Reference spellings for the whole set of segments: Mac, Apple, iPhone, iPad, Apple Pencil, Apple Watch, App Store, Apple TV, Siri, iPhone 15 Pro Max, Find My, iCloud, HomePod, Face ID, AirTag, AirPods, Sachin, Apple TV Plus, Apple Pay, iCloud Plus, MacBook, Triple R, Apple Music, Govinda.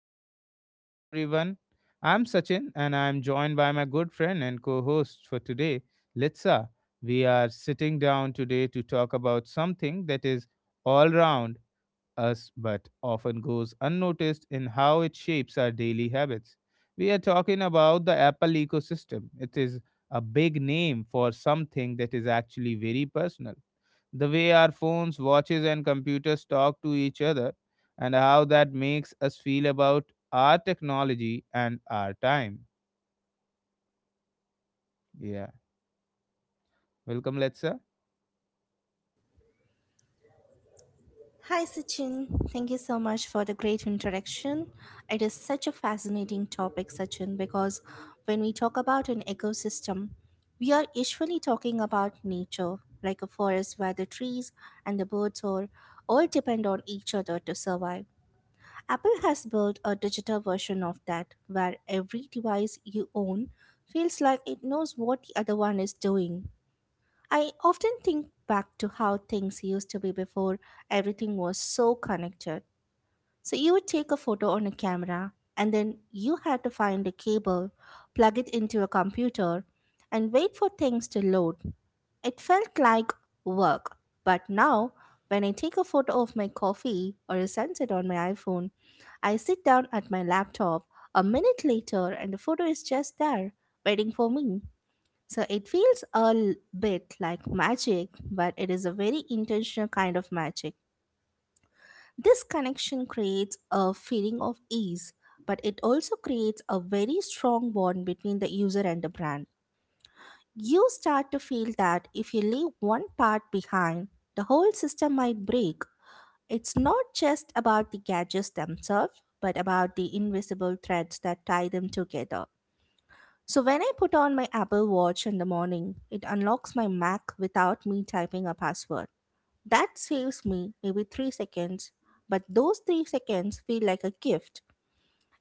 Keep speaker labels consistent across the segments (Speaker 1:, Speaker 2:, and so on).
Speaker 1: welcome to the show, everyone. I'm Sachin and I'm joined by my good friend and co host for today, Litsa. We are sitting down today to talk about something that is all round us but often goes unnoticed in how it shapes our daily habits. We are talking about the Apple ecosystem. It is a big name for something that is actually very personal. The way our phones, watches, and computers talk to each other, and how that makes us feel about our technology and our time. Yeah. Welcome, Letsa.
Speaker 2: Hi, Sachin. Thank you so much for the great introduction. It is such a fascinating topic, Sachin, because when we talk about an ecosystem, we are usually talking about nature, like a forest where the trees and the birds are all depend on each other to survive. Apple has built a digital version of that, where every device you own feels like it knows what the other one is doing. I often think back to how things used to be before everything was so connected. So you would take a photo on a camera and then you had to find a cable, plug it into a computer, and wait for things to load. It felt like work. But now, when I take a photo of my coffee or a sunset on my iPhone, I sit down at my laptop a minute later and the photo is just there, waiting for me. So it feels a bit like magic, but it is a very intentional kind of magic. This connection creates a feeling of ease, but it also creates a very strong bond between the user and the brand. You start to feel that if you leave one part behind, the whole system might break. It's not just about the gadgets themselves, but about the invisible threads that tie them together. So when I put on my Apple Watch in the morning, it unlocks my Mac without me typing a password. That saves me maybe 3 seconds, but those 3 seconds feel like a gift.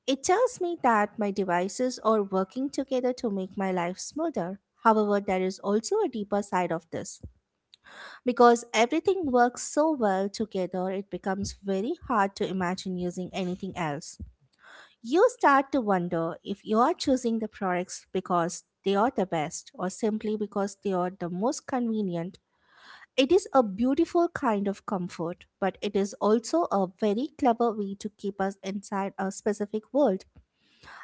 Speaker 2: It tells me that my devices are working together to make my life smoother. However, there is also a deeper side of this. Because everything works so well together, it becomes very hard to imagine using anything else. You start to wonder if you are choosing the products because they are the best or simply because they are the most convenient. It is a beautiful kind of comfort, but it is also a very clever way to keep us inside a specific world.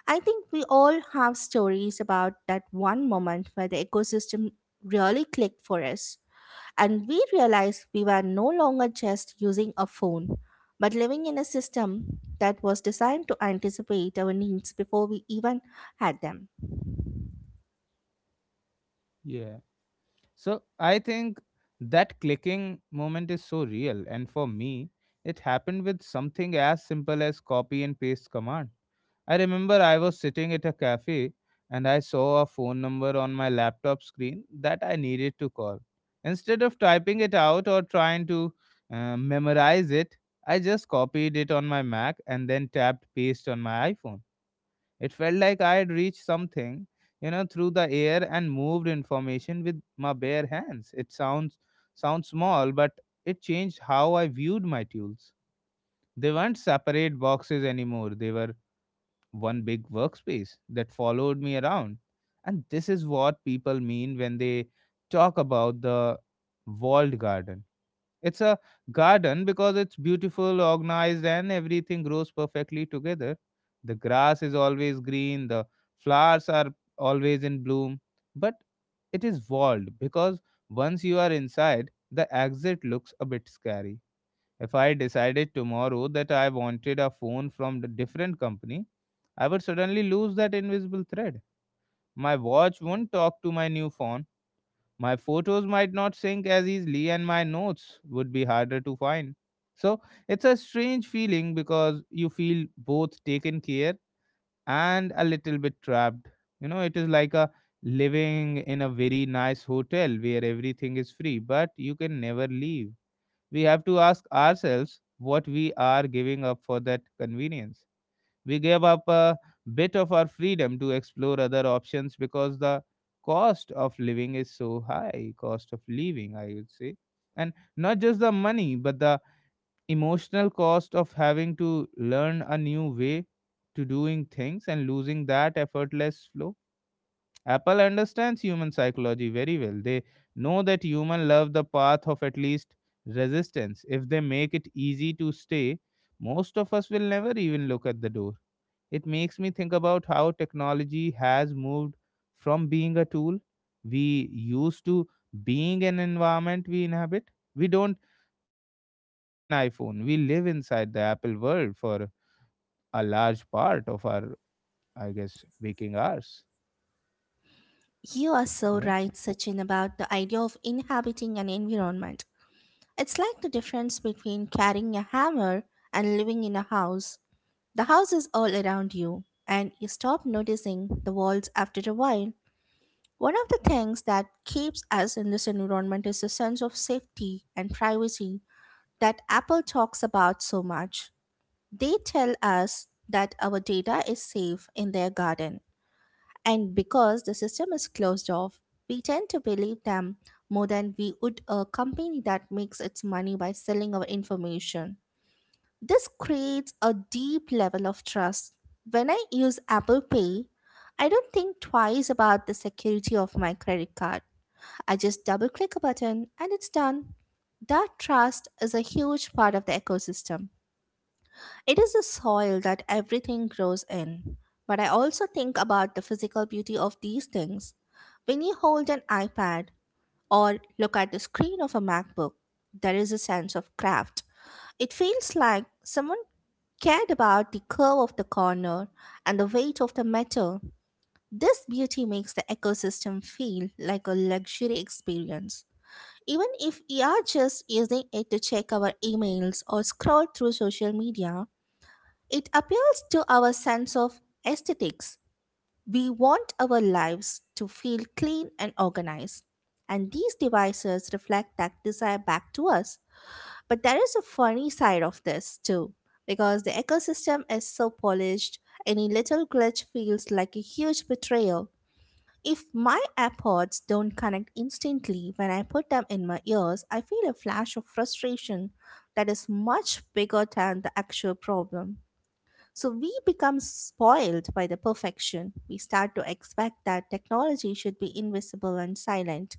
Speaker 2: I think we all have stories about that one moment where the ecosystem really clicked for us. And we realized we were no longer just using a phone, but living in a system that was designed to anticipate our needs before we even had them.
Speaker 1: Yeah. So I think that clicking moment is so real. And for me, it happened with something as simple as copy and paste command. I remember I was sitting at a cafe and I saw a phone number on my laptop screen that I needed to call. Instead of typing it out or trying to memorize it, I just copied it on my Mac and then tapped paste on my iPhone. It felt like I had reached something, you know, through the air and moved information with my bare hands. It sounds small, but it changed how I viewed my tools. They weren't separate boxes anymore. They were one big workspace that followed me around. And this is what people mean when they talk about the walled garden. It's a garden because it's beautiful, organized, and everything grows perfectly together. The grass is always green, the flowers are always in bloom, but it is walled because once you are inside, the exit looks a bit scary. If I decided tomorrow that I wanted a phone from a different company, I would suddenly lose that invisible thread. My watch won't talk to my new phone, my photos might not sync as easily, and my notes would be harder to find. So it's a strange feeling because you feel both taken care and a little bit trapped. You know, it is like a living in a very nice hotel where everything is free, but you can never leave. We have to ask ourselves what we are giving up for that convenience. We gave up a bit of our freedom to explore other options because the cost of living is so high. Cost of living, I would say. And not just the money, but the emotional cost of having to learn a new way to doing things and losing that effortless flow. Apple understands human psychology very well. They know that human love the path of at least resistance. If they make it easy to stay, most of us will never even look at the door. It makes me think about how technology has moved from being a tool we use to being an environment we inhabit. We don't just use an iPhone, we live inside the Apple world for a large part of our, I guess, waking hours.
Speaker 2: You are so
Speaker 1: Yeah.
Speaker 2: right, Sachin, about the idea of inhabiting an environment. It's like the difference between carrying a hammer and living in a house. The house is all around you, and you stop noticing the walls after a while. One of the things that keeps us in this environment is the sense of safety and privacy that Apple talks about so much. They tell us that our data is safe in their garden, and because the system is closed off, we tend to believe them more than we would a company that makes its money by selling our information. This creates a deep level of trust. When I use Apple Pay, I don't think twice about the security of my credit card. I just double click a button and it's done. That trust is a huge part of the ecosystem. It is the soil that everything grows in. But I also think about the physical beauty of these things. When you hold an iPad or look at the screen of a MacBook, there is a sense of craft. It feels like someone cared about the curve of the corner and the weight of the metal. This beauty makes the ecosystem feel like a luxury experience. Even if we are just using it to check our emails or scroll through social media, it appeals to our sense of aesthetics. We want our lives to feel clean and organized. And these devices reflect that desire back to us. But there is a funny side of this too, because the ecosystem is so polished, any little glitch feels like a huge betrayal. If my AirPods don't connect instantly when I put them in my ears, I feel a flash of frustration that is much bigger than the actual problem. So we become spoiled by the perfection. We start to expect that technology should be invisible and silent.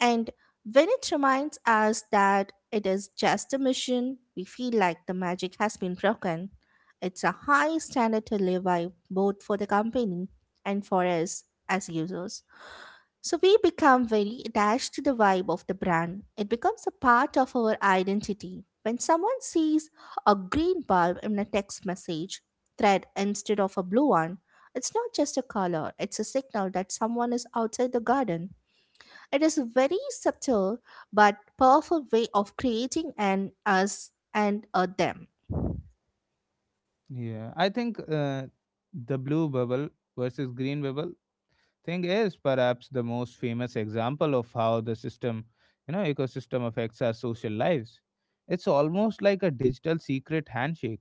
Speaker 2: And when it reminds us that it is just a machine, we feel like the magic has been broken. It's a high standard to live by both for the company and for us as users. So we become very attached to the vibe of the brand. It becomes a part of our identity. When someone sees a green bulb in a text message thread instead of a blue one, it's not just a color, it's a signal that someone is outside the garden. It is a very subtle but powerful way of creating an us and a them.
Speaker 1: Yeah. I think the blue bubble versus green bubble thing is perhaps the most famous example of how the system, you know, ecosystem affects our social lives. It's almost like a digital secret handshake.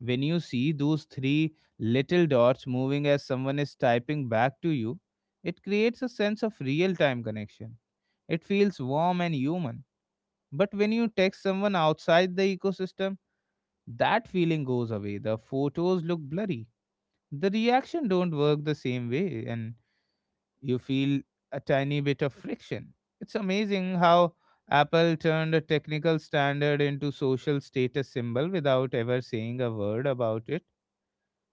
Speaker 1: When you see those three little dots moving as someone is typing back to you, it creates a sense of real time connection. It feels warm and human, but when you text someone outside the ecosystem, that feeling goes away. The photos look blurry, the reaction don't work the same way, and you feel a tiny bit of friction. It's amazing how Apple turned a technical standard into social status symbol without ever saying a word about it.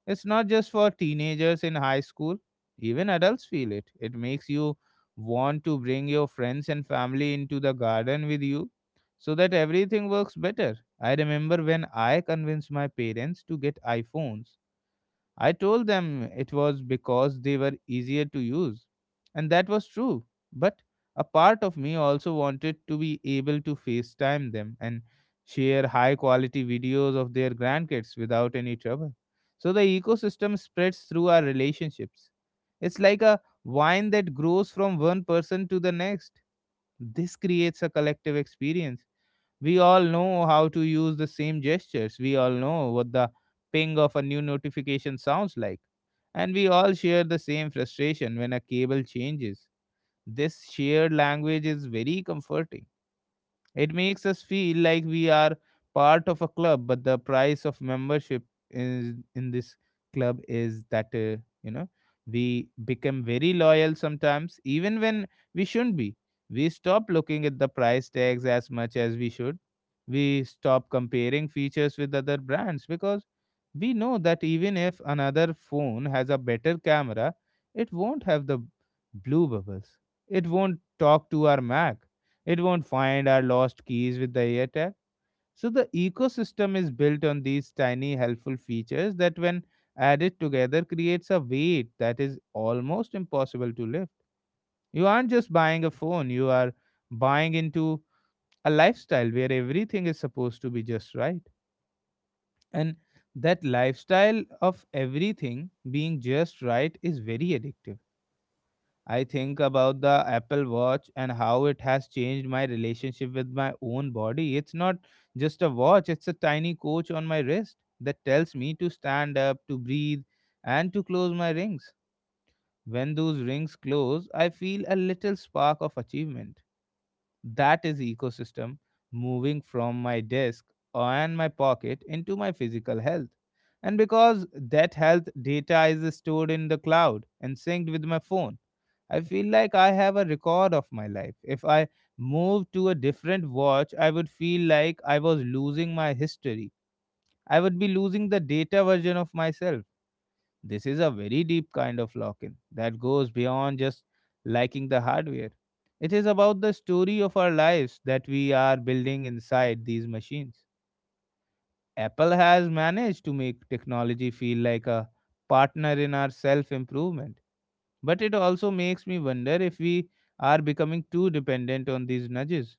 Speaker 1: It's not just for teenagers in high school, even adults feel it. It makes you want to bring your friends and family into the garden with you so that everything works better. I remember when I convinced my parents to get iPhones, I told them it was because they were easier to use. And that was true. But a part of me also wanted to be able to FaceTime them and share high quality videos of their grandkids without any trouble. So the ecosystem spreads through our relationships. It's like a vine that grows from one person to the next. This creates a collective experience. We all know how to use the same gestures. We all know what the ping of a new notification sounds like. And we all share the same frustration when a cable changes. This shared language is very comforting. It makes us feel like we are part of a club, but the price of membership is in this club is that, we become very loyal sometimes, even when we shouldn't be. We stop looking at the price tags as much as we should. We stop comparing features with other brands because we know that even if another phone has a better camera, it won't have the blue bubbles. It won't talk to our Mac, it won't find our lost keys with the AirTag. So the ecosystem is built on these tiny helpful features that when added together creates a weight that is almost impossible to lift. You aren't just buying a phone, you are buying into a lifestyle where everything is supposed to be just right. And that lifestyle of everything being just right is very addictive. I think about the Apple Watch and how it has changed my relationship with my own body. It's not just a watch, it's a tiny coach on my wrist that tells me to stand up, to breathe, and to close my rings. When those rings close, I feel a little spark of achievement. That is ecosystem moving from my desk and my pocket into my physical health. And because that health data is stored in the cloud and synced with my phone, I feel like I have a record of my life. If I moved to a different watch, I would feel like I was losing my history. I would be losing the data version of myself. This is a very deep kind of lock in that goes beyond just liking the hardware. It is about the story of our lives that we are building inside these machines. Apple has managed to make technology feel like a partner in our self improvement. But it also makes me wonder if we are becoming too dependent on these nudges.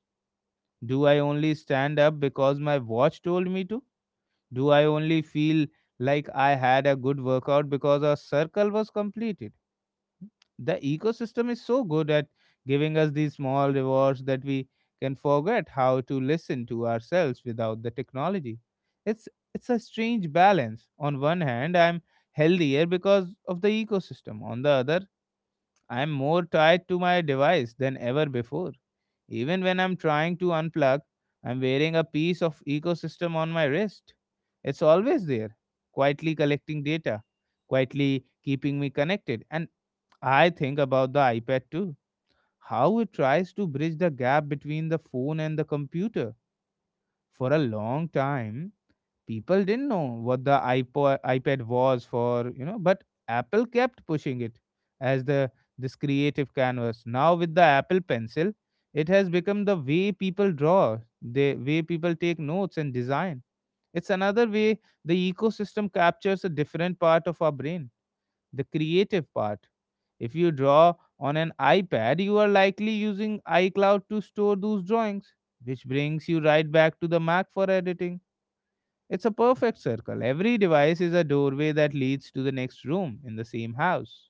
Speaker 1: Do I only stand up because my watch told me to? Do I only feel like I had a good workout because a circle was completed? The ecosystem is so good at giving us these small rewards that we can forget how to listen to ourselves without the technology. It's it's a strange balance. On one hand, I'm healthier because of the ecosystem. On the other, I'm more tied to my device than ever before. Even when I'm trying to unplug, I'm wearing a piece of ecosystem on my wrist. It's always there, quietly collecting data, quietly keeping me connected. And I think about the iPad too, how it tries to bridge the gap between the phone and the computer. For a long time, people didn't know what the iPod, iPad was for, you know, but Apple kept pushing it as the this creative canvas. Now with the Apple Pencil, it has become the way people draw, the way people take notes and design. It's another way the ecosystem captures a different part of our brain, the creative part. If you draw on an iPad, you are likely using iCloud to store those drawings, which brings you right back to the Mac for editing. It's a perfect circle. Every device is a doorway that leads to the next room in the same house.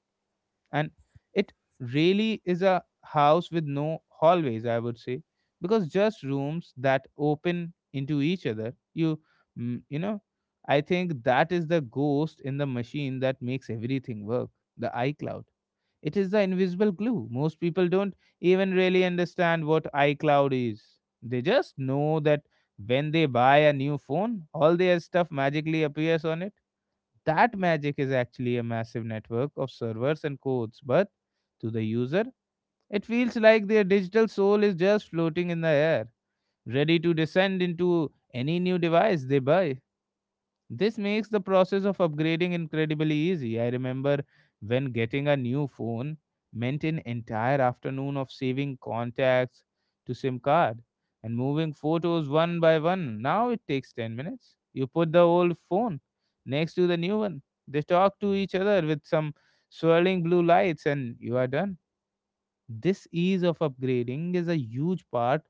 Speaker 1: And it really is a house with no hallways, I would say, because just rooms that open into each other. You, mm, you know, I think that is the ghost in the machine that makes everything work, the iCloud. It is the invisible glue. Most people don't even really understand what iCloud is. They just know that when they buy a new phone, all their stuff magically appears on it. That magic is actually a massive network of servers and codes, but to the user, it feels like their digital soul is just floating in the air, ready to descend into any new device they buy. This makes the process of upgrading incredibly easy. I remember when getting a new phone meant an entire afternoon of saving contacts to SIM card and moving photos one by one. Now it takes 10 minutes. You put the old phone next to the new one. They talk to each other with some swirling blue lights and you are done. This ease of upgrading is a huge part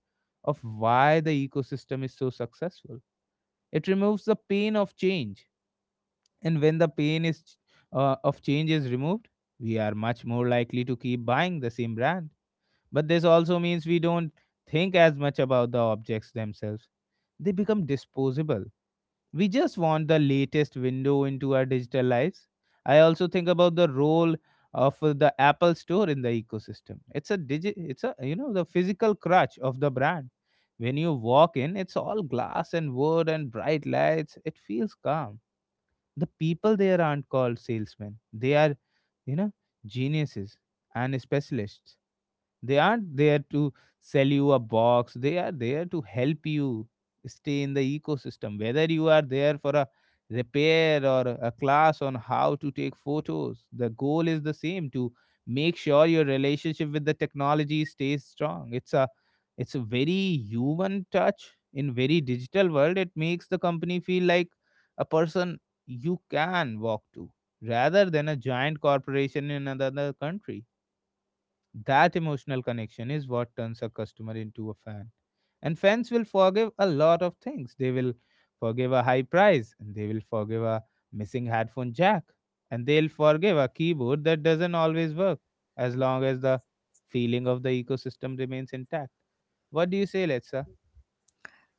Speaker 1: of why the ecosystem is so successful. It removes the pain of change and when the of change is removed, we are much more likely to keep buying the same brand. But this also means we don't think as much about the objects themselves. They become disposable. We just want the latest window into our digital lives. I also think about the role of the Apple store in the ecosystem. It's a digi- it's a you know the physical crutch of the brand. When you walk in, it's all glass and wood and bright lights. It feels calm. The people there aren't called salesmen, they are, you know geniuses and specialists. They aren't there to sell you a box. They are there to help you stay in the ecosystem. Whether you are there for a repair or a class on how to take photos, the goal is the same: to make sure your relationship with the technology stays strong. It's a very human touch in very digital world. It makes the company feel like a person you can walk to rather than a giant corporation in another country. That emotional connection is what turns a customer into a fan. And fans will forgive a lot of things. They will forgive a high price, and they will forgive a missing headphone jack, and they'll forgive a keyboard that doesn't always work, as long as the feeling of the ecosystem remains intact. What do you say, Letsa?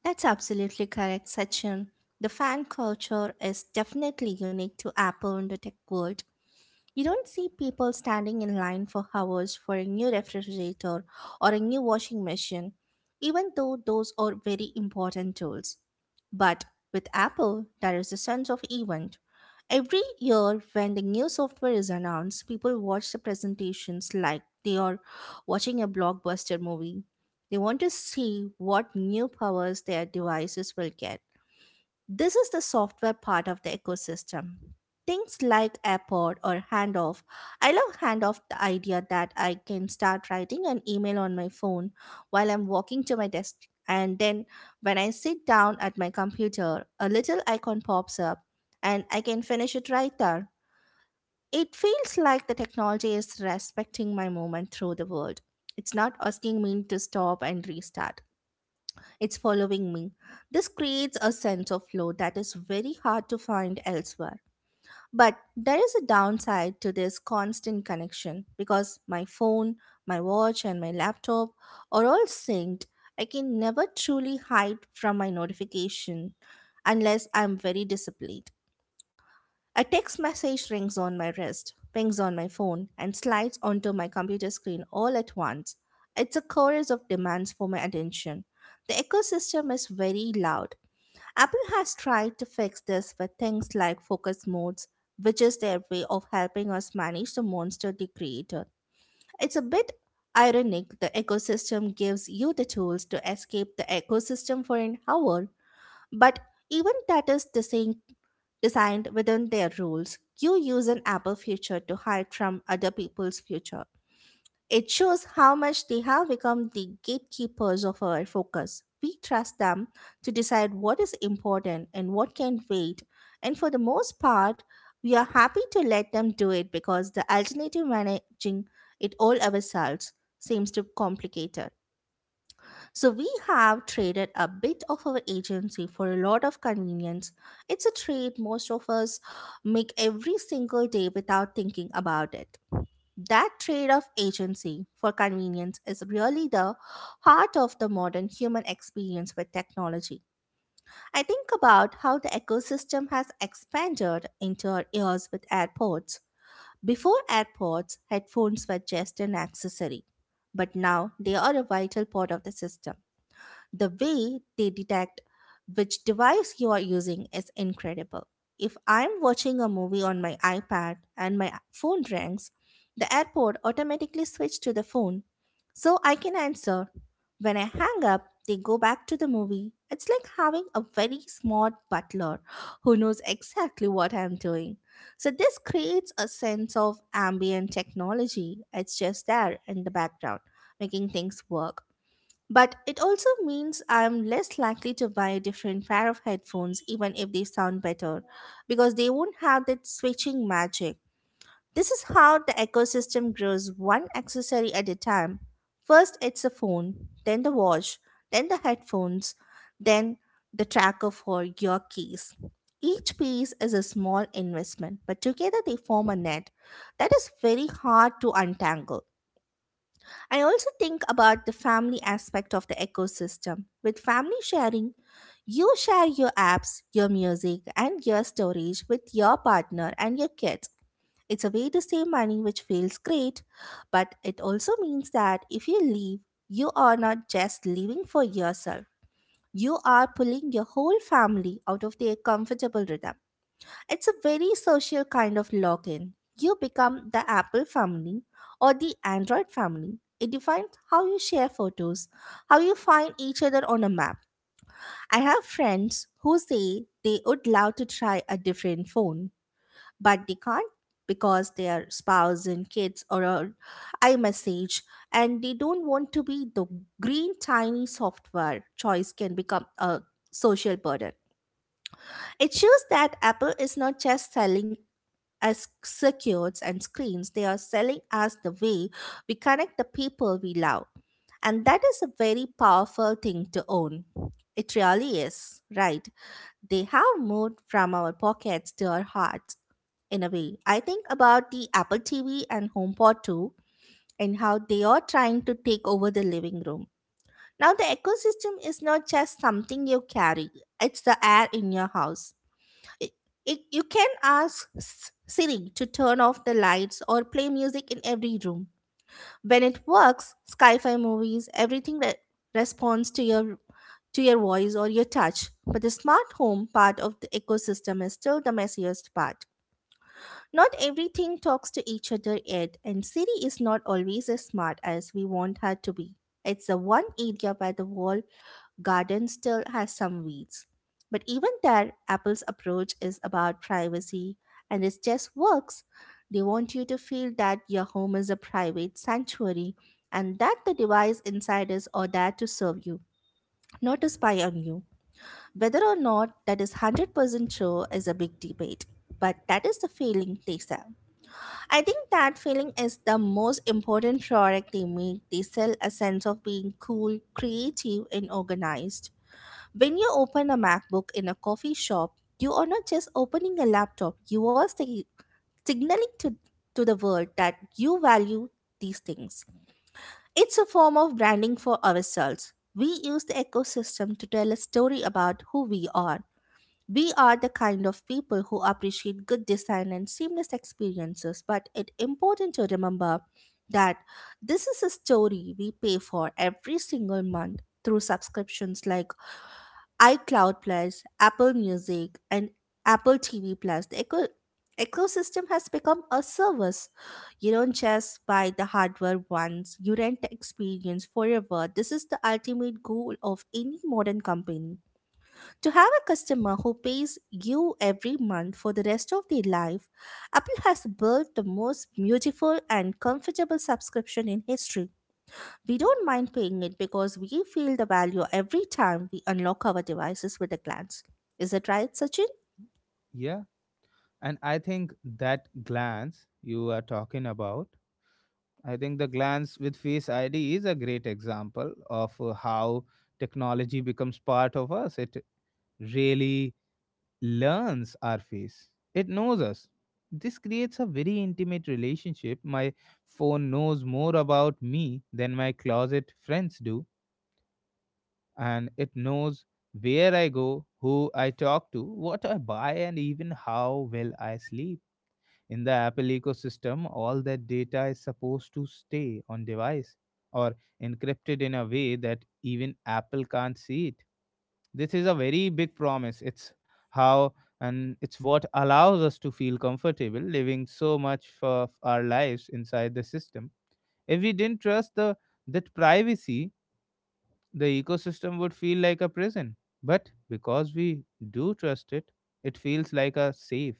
Speaker 2: That's absolutely correct, Sachin. The fan culture is definitely unique to Apple in the tech world. You don't see people standing in line for hours for a new refrigerator or a new washing machine, even though those are very important tools. But with Apple, there is a sense of event. Every year, when the new software is announced, people watch the presentations like they are watching a blockbuster movie. They want to see what new powers their devices will get. This is the software part of the ecosystem. Things like Apport or Handoff. I love Handoff, the idea that I can start writing an email on my phone while I'm walking to my desk. And then when I sit down at my computer, a little icon pops up and I can finish it right there. It feels like the technology is respecting my movement through the world. It's not asking me to stop and restart. It's following me. This creates a sense of flow that is very hard to find elsewhere. But there is a downside to this constant connection because my phone, my watch, and my laptop are all synced. I can never truly hide from my notification unless I'm very disciplined. A text message rings on my wrist, pings on my phone, and slides onto my computer screen all at once. It's a chorus of demands for my attention. The ecosystem is very loud. Apple has tried to fix this with things like focus modes, which is their way of helping us manage the monster they created. It's a bit ironic the ecosystem gives you the tools to escape the ecosystem for an hour, but even that is the same designed within their rules. You use an Apple feature to hide from other people's future. It shows how much they have become the gatekeepers of our focus. We trust them to decide what is important and what can wait. And for the most part, we are happy to let them do it because the alternative managing it all ourselves seems too complicated. So we have traded a bit of our agency for a lot of convenience. It's a trade most of us make every single day without thinking about it. That trade of agency for convenience is really the heart of the modern human experience with technology. I think about how the ecosystem has expanded into our ears with AirPods. Before AirPods, headphones were just an accessory, but now they are a vital part of the system. The way they detect which device you are using is incredible. If I'm watching a movie on my iPad and my phone rings, the airport automatically switches to the phone so I can answer. When I hang up, they go back to the movie. It's like having a very smart butler who knows exactly what I'm doing. So, this creates a sense of ambient technology. It's just there in the background, making things work. But it also means I'm less likely to buy a different pair of headphones, even if they sound better, because they won't have that switching magic. This is how the ecosystem grows one accessory at a time. First, it's a phone, then the watch, then the headphones, then the tracker for your keys. Each piece is a small investment, but together they form a net that is very hard to untangle. I also think about the family aspect of the ecosystem. With family sharing, you share your apps, your music, and your storage with your partner and your kids. It's a way to save money, which feels great, but it also means that if you leave, you are not just leaving for yourself. You are pulling your whole family out of their comfortable rhythm. It's a very social kind of login. You become the Apple family or the Android family. It defines how you share photos, how you find each other on a map. I have friends who say they would love to try a different phone, but they can't because their spouse and kids or a iMessage and they don't want to be the green tiny software choice can become a social burden. It shows that Apple is not just selling as circuits and screens. They are selling us the way we connect the people we love, and that is a very powerful thing to own. It really is, right? They have moved from our pockets to our hearts, in a way. I think about the Apple TV and HomePod too, and how they are trying to take over the living room. Now the ecosystem is not just something you carry, it's the air in your house. I- you can ask Siri to turn off the lights or play music in every room. When it works, sci-fi movies, everything responds to your voice or your touch. But the smart home part of the ecosystem is still the messiest part. Not everything talks to each other yet, and Siri is not always as smart as we want her to be. It's the one area where the world garden still has some weeds. But even there, Apple's approach is about privacy, and it just works. They want you to feel that your home is a private sanctuary and that the device inside is or there to serve you, not to spy on you. Whether or not that is 100% true is a big debate, but that is the feeling they sell. I think that feeling is the most important product they make. They sell a sense of being cool, creative, and organized. When you open a MacBook in a coffee shop, you are not just opening a laptop, you are signaling to the world that you value these things. It's a form of branding for ourselves. We use the ecosystem to tell a story about who we are. We are the kind of people who appreciate good design and seamless experiences, but it's important to remember that this is a story we pay for every single month through subscriptions like iCloud Plus, Apple Music, and Apple TV Plus. The ecosystem has become a service. You don't just buy the hardware once, you rent the experience forever. This is the ultimate goal of any modern company. To have a customer who pays you every month for the rest of their life, Apple has built the most beautiful and comfortable subscription in history. We don't mind paying it because we feel the value every time we unlock our devices with a glance. Is it right, Sachin?
Speaker 1: Yeah. And I think that glance you are talking about, I think the glance with Face ID is a great example of how technology becomes part of us. It really learns our face, it knows us. This creates a very intimate relationship. My phone knows more about me than my closet friends do, and it knows where I go, who I talk to, what I buy, and even how well I sleep. In the Apple ecosystem, all that data is supposed to stay on device or encrypted in a way that even Apple can't see it. This is a very big promise. It's how and it's what allows us to feel comfortable living so much of our lives inside the system. If we didn't trust the that privacy, the ecosystem would feel like a prison. But because we do trust it, it feels like a safe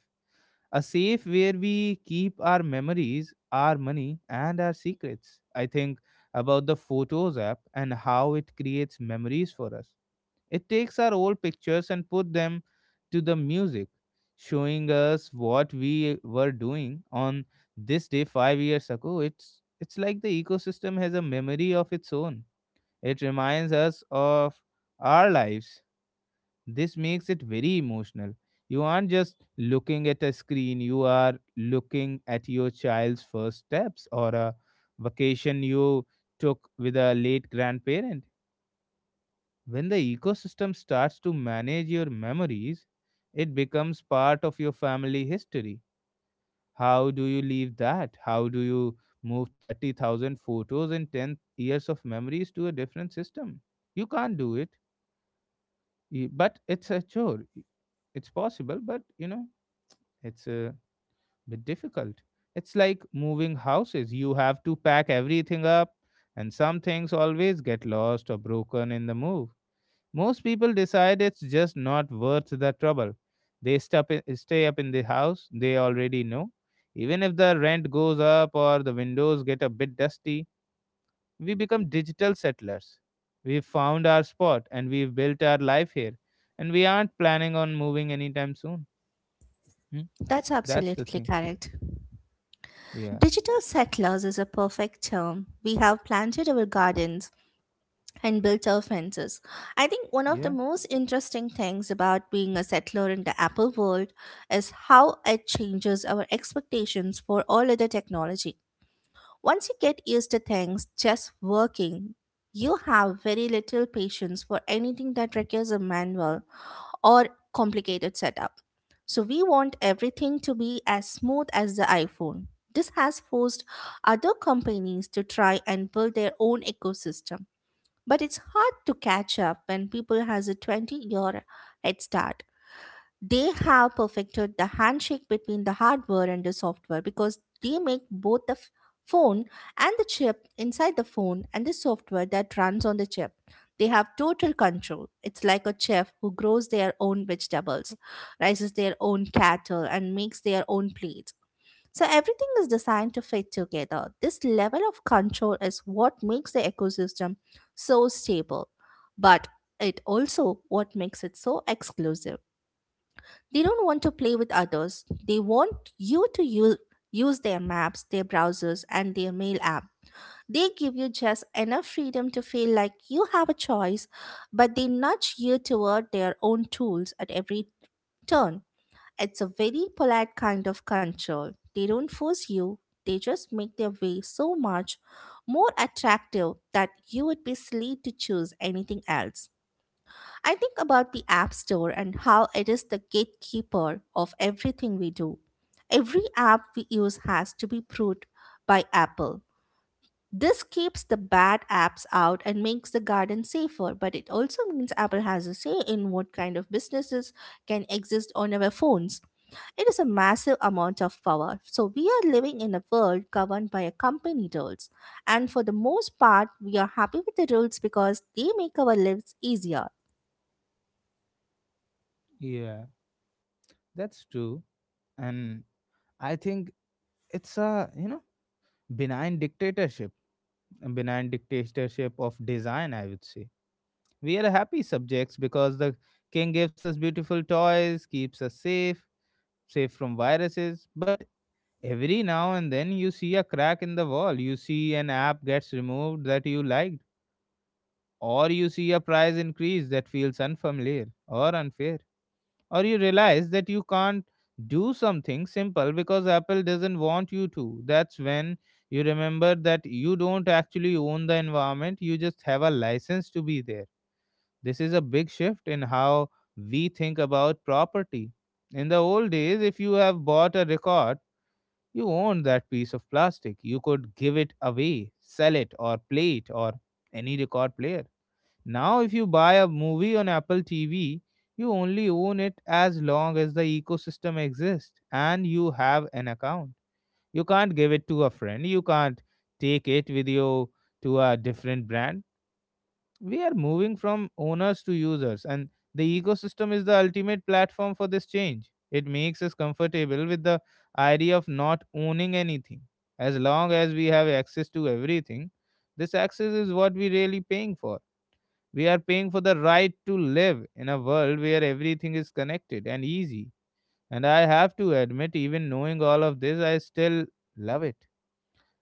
Speaker 1: a safe where we keep our memories, our money, and our secrets. I think about the Photos app and how it creates memories for us. It takes our old pictures and put them to the music, showing us what we were doing on this day 5 years ago. It's like the ecosystem has a memory of its own. It reminds us of our lives. This makes it very emotional. You aren't just looking at a screen, you are looking at your child's first steps or a vacation you took with a late grandparent. When the ecosystem starts to manage your memories, it becomes part of your family history. How do you leave that? How do you move 30,000 photos and 10 years of memories to a different system? You can't do it, but it's a chore. It's possible, but it's a bit difficult. It's like moving houses. You have to pack everything up, and some things always get lost or broken in the move. Most people decide it's just not worth the trouble. They stop stay up in the house they already know. Even if the rent goes up or the windows get a bit dusty, we become digital settlers. We've found our spot and we've built our life here, and we aren't planning on moving anytime soon. Hmm?
Speaker 2: That's
Speaker 1: That's the
Speaker 2: absolutely
Speaker 1: thing.
Speaker 2: correct.
Speaker 1: Yeah.
Speaker 2: Digital settlers is a perfect term. We have planted our gardens and built our fences. I think one of the
Speaker 1: Yeah.
Speaker 2: most interesting things about being a settler in the Apple world is how it changes our expectations for all other technology. Once you get used to things just working, you have very little patience for anything that requires a manual or complicated setup. So we want everything to be as smooth as the iPhone. This has forced other companies to try and build their own ecosystem. But it's hard to catch up when people has a 20-year head start. They have perfected the handshake between the hardware and the software because they make both the phone and the chip inside the phone and the software that runs on the chip. They have total control. It's like a chef who grows their own vegetables, raises their own cattle, and makes their own plates. So everything is designed to fit together. This level of control is what makes the ecosystem so stable, but it also what makes it so exclusive. They don't want to play with others. They want you to use their maps, their browsers, and their mail app. They give you just enough freedom to feel like you have a choice, but they nudge you toward their own tools at every turn. It's a very polite kind of control. They don't force you, they just make their way so much more attractive that you would be silly to choose anything else. I think about the App Store and how it is the gatekeeper of everything we do. Every app we use has to be approved by Apple. This keeps the bad apps out and makes the garden safer, but it also means Apple has a say in what kind of businesses can exist on our phones. It is a massive amount of power. So, we are living in a world governed by a company rules. And for the most part, we are happy with the rules because they make our lives easier.
Speaker 1: Yeah, that's true. And I think it's a, benign dictatorship, a benign dictatorship of design, I would say. We are happy subjects because the king gives us beautiful toys, keeps us safe, safe from viruses. But every now and then you see a crack in the wall, you see an app gets removed that you liked, or you see a price increase that feels unfamiliar or unfair, or you realize that you can't do something simple because Apple doesn't want you to. That's when you remember that you don't actually own the environment, you just have a license to be there. This is a big shift in how we think about property. In the old days, if you have bought a record, you owned that piece of plastic. You could give it away, sell it, or play it, or any record player. Now, if you buy a movie on Apple TV, you only own it as long as the ecosystem exists and you have an account. You can't give it to a friend, you can't take it with you to a different brand. We are moving from owners to users, and the ecosystem is the ultimate platform for this change. It makes us comfortable with the idea of not owning anything. As long as we have access to everything, this access is what we really paying for. We are paying for the right to live in a world where everything is connected and easy. And I have to admit, even knowing all of this, I still love it.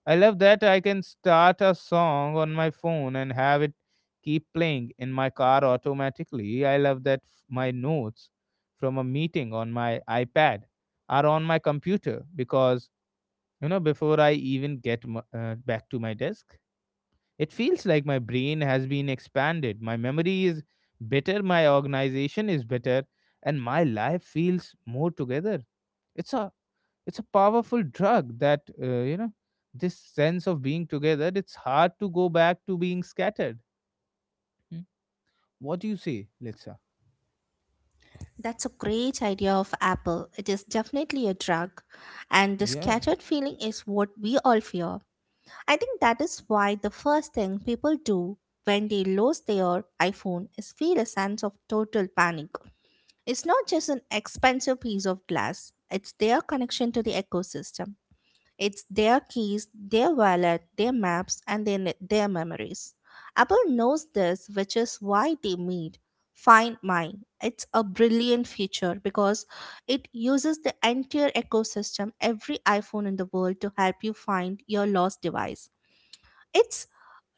Speaker 1: I love that I can start a song on my phone and have it keep playing in my car automatically. I love that my notes from a meeting on my iPad are on my computer because, before I even get back to my desk. It feels like my brain has been expanded. My memory is better, my organization is better, and my life feels more together. It's a it's a powerful drug that, this sense of being together. It's hard to go back to being scattered. Hmm. What do you say, Litsa?
Speaker 2: That's a great idea of Apple. It is definitely a drug. And the
Speaker 1: Yeah,
Speaker 2: scattered feeling is what we all fear. I think that is why the first thing people do when they lose their iPhone is feel a sense of total panic. It's not just an expensive piece of glass, it's their connection to the ecosystem. It's their keys, their wallet, their maps, and their memories. Apple knows this, which is why they made Find My. It's a brilliant feature because it uses the entire ecosystem, every iPhone in the world, to help you find your lost device. It's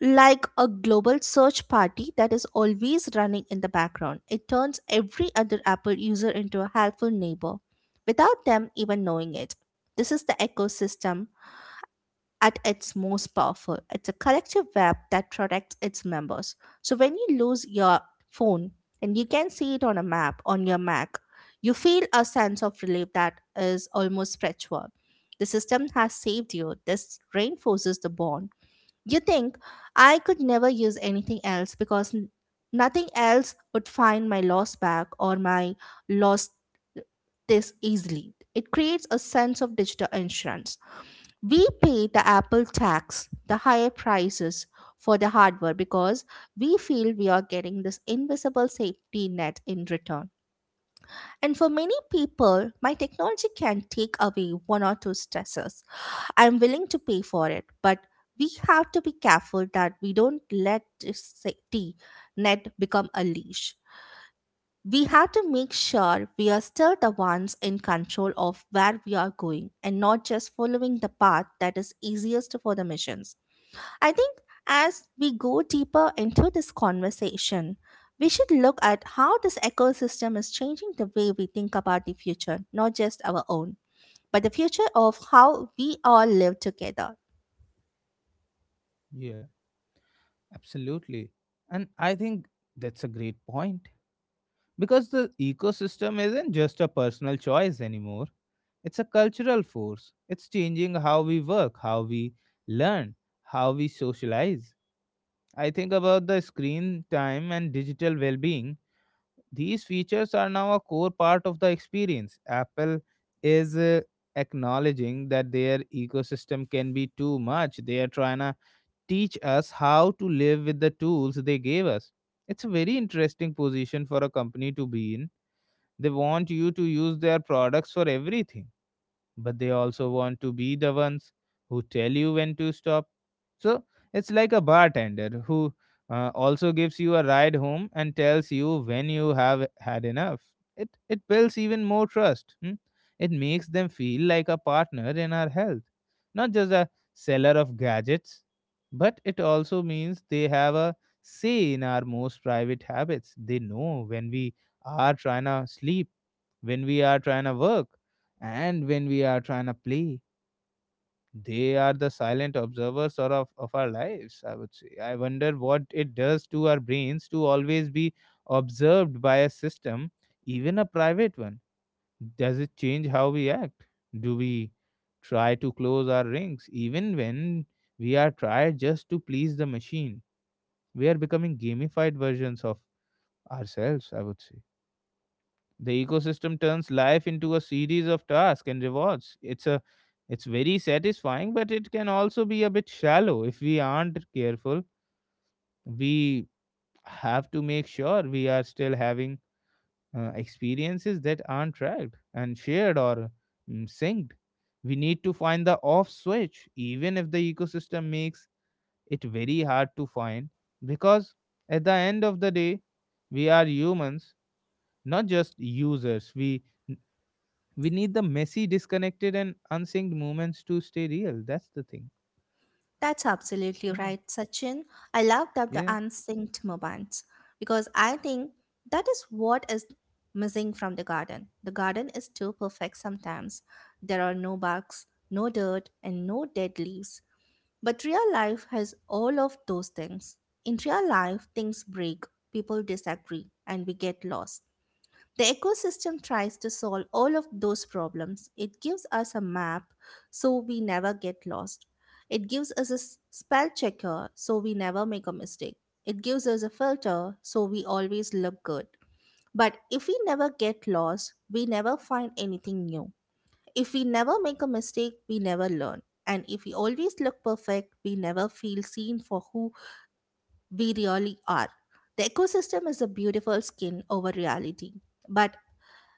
Speaker 2: like a global search party that is always running in the background. It turns every other Apple user into a helpful neighbor without them even knowing it. This is the ecosystem at its most powerful. It's a collective web that protects its members. So when you lose your phone and you can see it on a map on your Mac, you feel a sense of relief that is almost spiritual. The system has saved you. This reinforces the bond. You think, I could never use anything else because nothing else would find my lost bag or my lost this easily. It creates a sense of digital insurance. We pay the Apple tax, the higher prices for the hardware because we feel we are getting this invisible safety net in return. And for many people, my technology can take away one or two stressors. I'm willing to pay for it, but we have to be careful that we don't let this safety net become a leash. We have to make sure we are still the ones in control of where we are going and not just following the path that is easiest for the missions. I think as we go deeper into this conversation, we should look at how this ecosystem is changing the way we think about the future, not just our own, but the future of how we all live together.
Speaker 1: yeah, absolutely. And I think that's a great point because the ecosystem isn't just a personal choice anymore. It's a cultural force. It's changing how we work, how we learn, how we socialize. I think about the screen time and digital well being. These features are now a core part of the experience. Apple is acknowledging that their ecosystem can be too much. They are trying to teach us how to live with the tools they gave us. It's a very interesting position for a company to be in. They want you to use their products for everything, but they also want to be the ones who tell you when to stop. So it's like a bartender who also gives you a ride home and tells you when you have had enough. It builds even more trust. Hmm. It makes them feel like a partner in our health, not just a seller of gadgets, but it also means they have a say in our most private habits. They know when we are trying to sleep, when we are trying to work, and when we are trying to play. They are the silent observers, sort of our lives, I would say. I wonder what it does to our brains to always be observed by a system, even a private one. Does it change how we act? Do we try to close our rings even when we are tried just to please the machine? We are becoming gamified versions of ourselves, I would say. The ecosystem turns life into a series of tasks and rewards. It's very satisfying, but it can also be a bit shallow if we aren't careful. We have to make sure we are still having experiences that aren't tracked and shared or synced. We need to find the off switch, even if the ecosystem makes it very hard to find, because at the end of the day, we are humans, not just users. We need the messy disconnected and unsynced moments to stay real. That's the thing.
Speaker 2: That's absolutely
Speaker 1: Yeah.
Speaker 2: right, Sachin. I love that the
Speaker 1: Yeah.
Speaker 2: unsynced moments, because I think that is what is missing from the garden. The garden is too perfect sometimes. There are no bugs, no dirt, and no dead leaves. But real life has all of those things. In real life, things break, people disagree, and we get lost. The ecosystem tries to solve all of those problems. It gives us a map so we never get lost. It gives us a spell checker so we never make a mistake. It gives us a filter so we always look good. But if we never get lost, we never find anything new. If we never make a mistake, we never learn. And if we always look perfect, we never feel seen for who we really are. The ecosystem is a beautiful skin over reality. But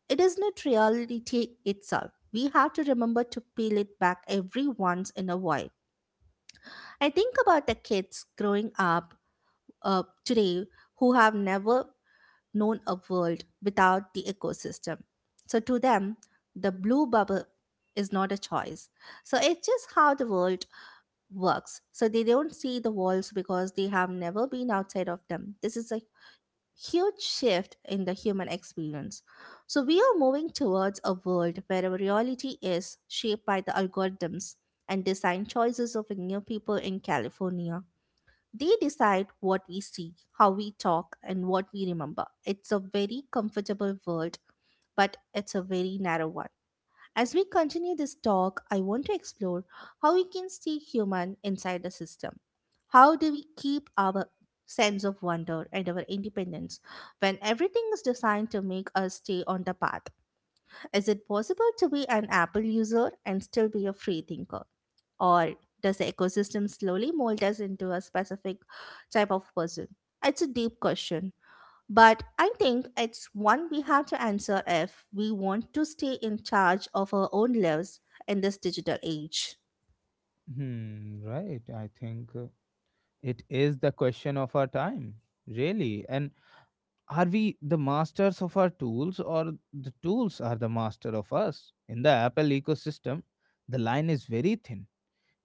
Speaker 2: it is not reality itself. We have to remember to peel it back every once in a while. I think about the kids growing up today who have never known a world without the ecosystem. So to them, the blue bubble is not a choice. So it's just how the world works. So they don't see the walls because they have never been outside of them. This is a huge shift in the human experience. So we are moving towards a world where our reality is shaped by the algorithms and design choices of new people in California. They decide what we see, how we talk, and what we remember. It's a very comfortable world, but it's a very narrow one. As we continue this talk, I want to explore how we can stay human inside the system. How do we keep our sense of wonder and our independence when everything is designed to make us stay on the path? Is it possible to be an Apple user and still be a free thinker? Or does the ecosystem slowly mold us into a specific type of person? It's a deep question, but I think it's one we have to answer if we want to stay in charge of our own lives in this digital age.
Speaker 1: Hmm. Right. I think it is the question of our time, really. And are we the masters of our tools or the tools are the master of us? In the Apple ecosystem, the line is very thin.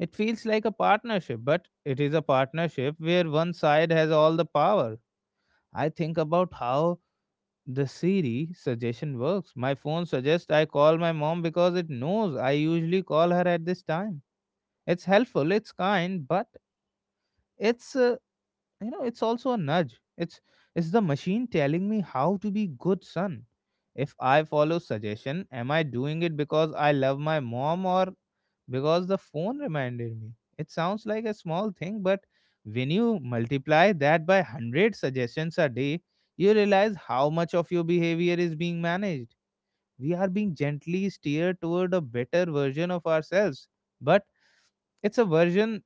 Speaker 1: It feels like a partnership, but it is a partnership where one side has all the power. I think about how the Siri suggestion works. My phone suggests I call my mom because it knows I usually call her at this time. It's helpful, it's kind, but it's you know it's also a nudge. It's the machine telling me how to be good son. If I follow suggestion, am I doing it because I love my mom or because the phone reminded me? It sounds like a small thing, but when you multiply that by 100 suggestions a day, you realize how much of your behavior is being managed. We are being gently steered toward a better version of ourselves, but it's a version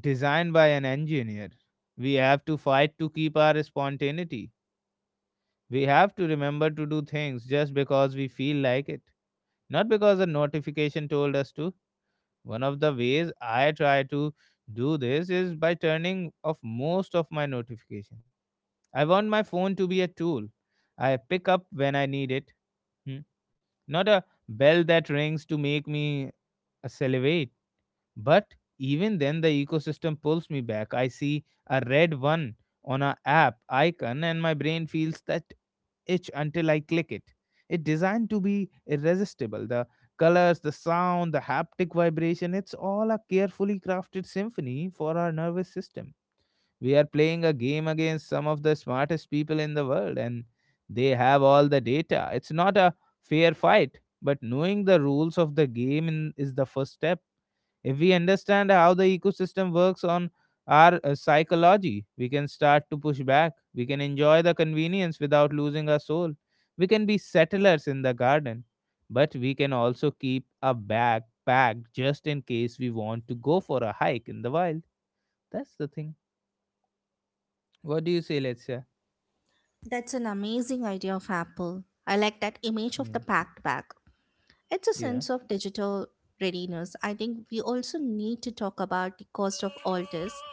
Speaker 1: designed by an engineer. We have to fight to keep our spontaneity. We have to remember to do things just because we feel like it, not because a notification told us to. One of the ways I try to do this is by turning off most of my notification. I want my phone to be a tool I pick up when I need it, hmm, not a bell that rings to make me salivate. But even then, the ecosystem pulls me back. I see a red one on a app icon, and my brain feels that itch until I click it. It's designed to be irresistible. The colors, the sound, the haptic vibration, it's all a carefully crafted symphony for our nervous system. We are playing a game against some of the smartest people in the world, and they have all the data. It's not a fair fight, but knowing the rules of the game is the first step. If we understand how the ecosystem works on our psychology, we can start to push back. We can enjoy the convenience without losing our soul. We can be settlers in the garden, but we can also keep a bag packed just in case we want to go for a hike in the wild. That's the thing. What do you say, Letsia?
Speaker 2: That's an amazing idea of Apple. I like that image of the
Speaker 1: Yeah.
Speaker 2: packed bag. It's a
Speaker 1: Yeah,
Speaker 2: sense of digital readiness. I think we also need to talk about the cost of all this,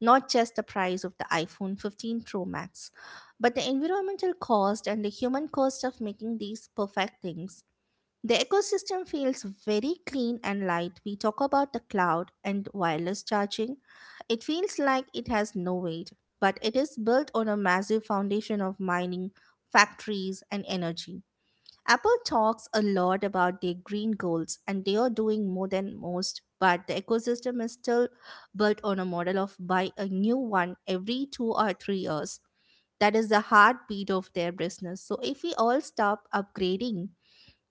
Speaker 2: not just the price of the iPhone 15 Pro Max, but the environmental cost and the human cost of making these perfect things. The ecosystem feels very clean and light. We talk about the cloud and wireless charging. It feels like it has no weight, but it is built on a massive foundation of mining, factories, and energy. Apple talks a lot about their green goals, and they are doing more than most, but the ecosystem is still built on a model of buy a new one every 2 or 3 years. That is the heartbeat of their business. So, if we all stop upgrading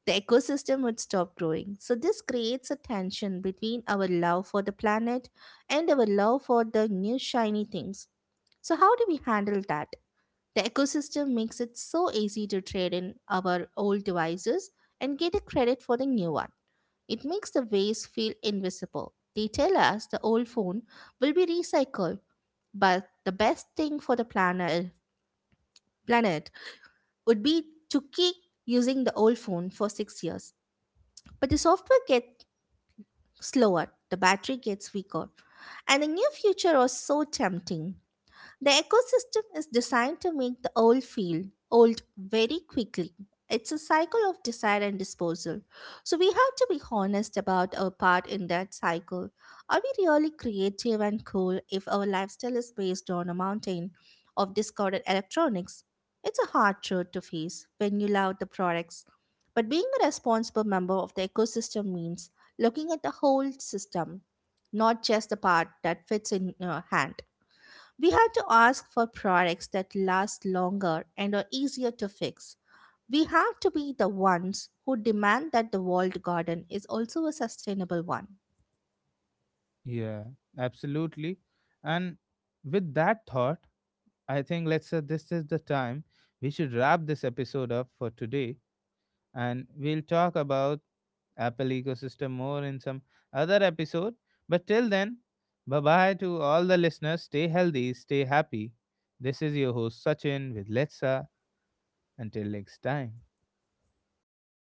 Speaker 2: the ecosystem would stop growing. So, this creates a tension between our love for the planet and our love for the new shiny things. So, how do we handle that? The ecosystem makes it so easy to trade in our old devices and get a credit for the new one. It makes the waste feel invisible. They tell us the old phone will be recycled, but the best thing for the planet would be to keep using the old phone for 6 years. But the software gets slower, the battery gets weaker. And the near future was so tempting. The ecosystem is designed to make the old feel old very quickly. It's a cycle of desire and disposal. So we have to be honest about our part in that cycle. Are we really creative and cool if our lifestyle is based on a mountain of discarded electronics? It's a hard truth to face when you love the products. But being a responsible member of the ecosystem means looking at the whole system, not just the part that fits in your hand. We have to ask for products that last longer and are easier to fix. We have to be the ones who demand that the walled garden is also a sustainable one.
Speaker 1: yeah, absolutely. And with that thought, I think let's say this is the time we should wrap this episode up for today, and we'll talk about Apple ecosystem more in some other episode. But till then, bye bye to all the listeners. Stay healthy, stay happy. This is your host Sachin with Let's Sa. Until next time.
Speaker 2: Bye.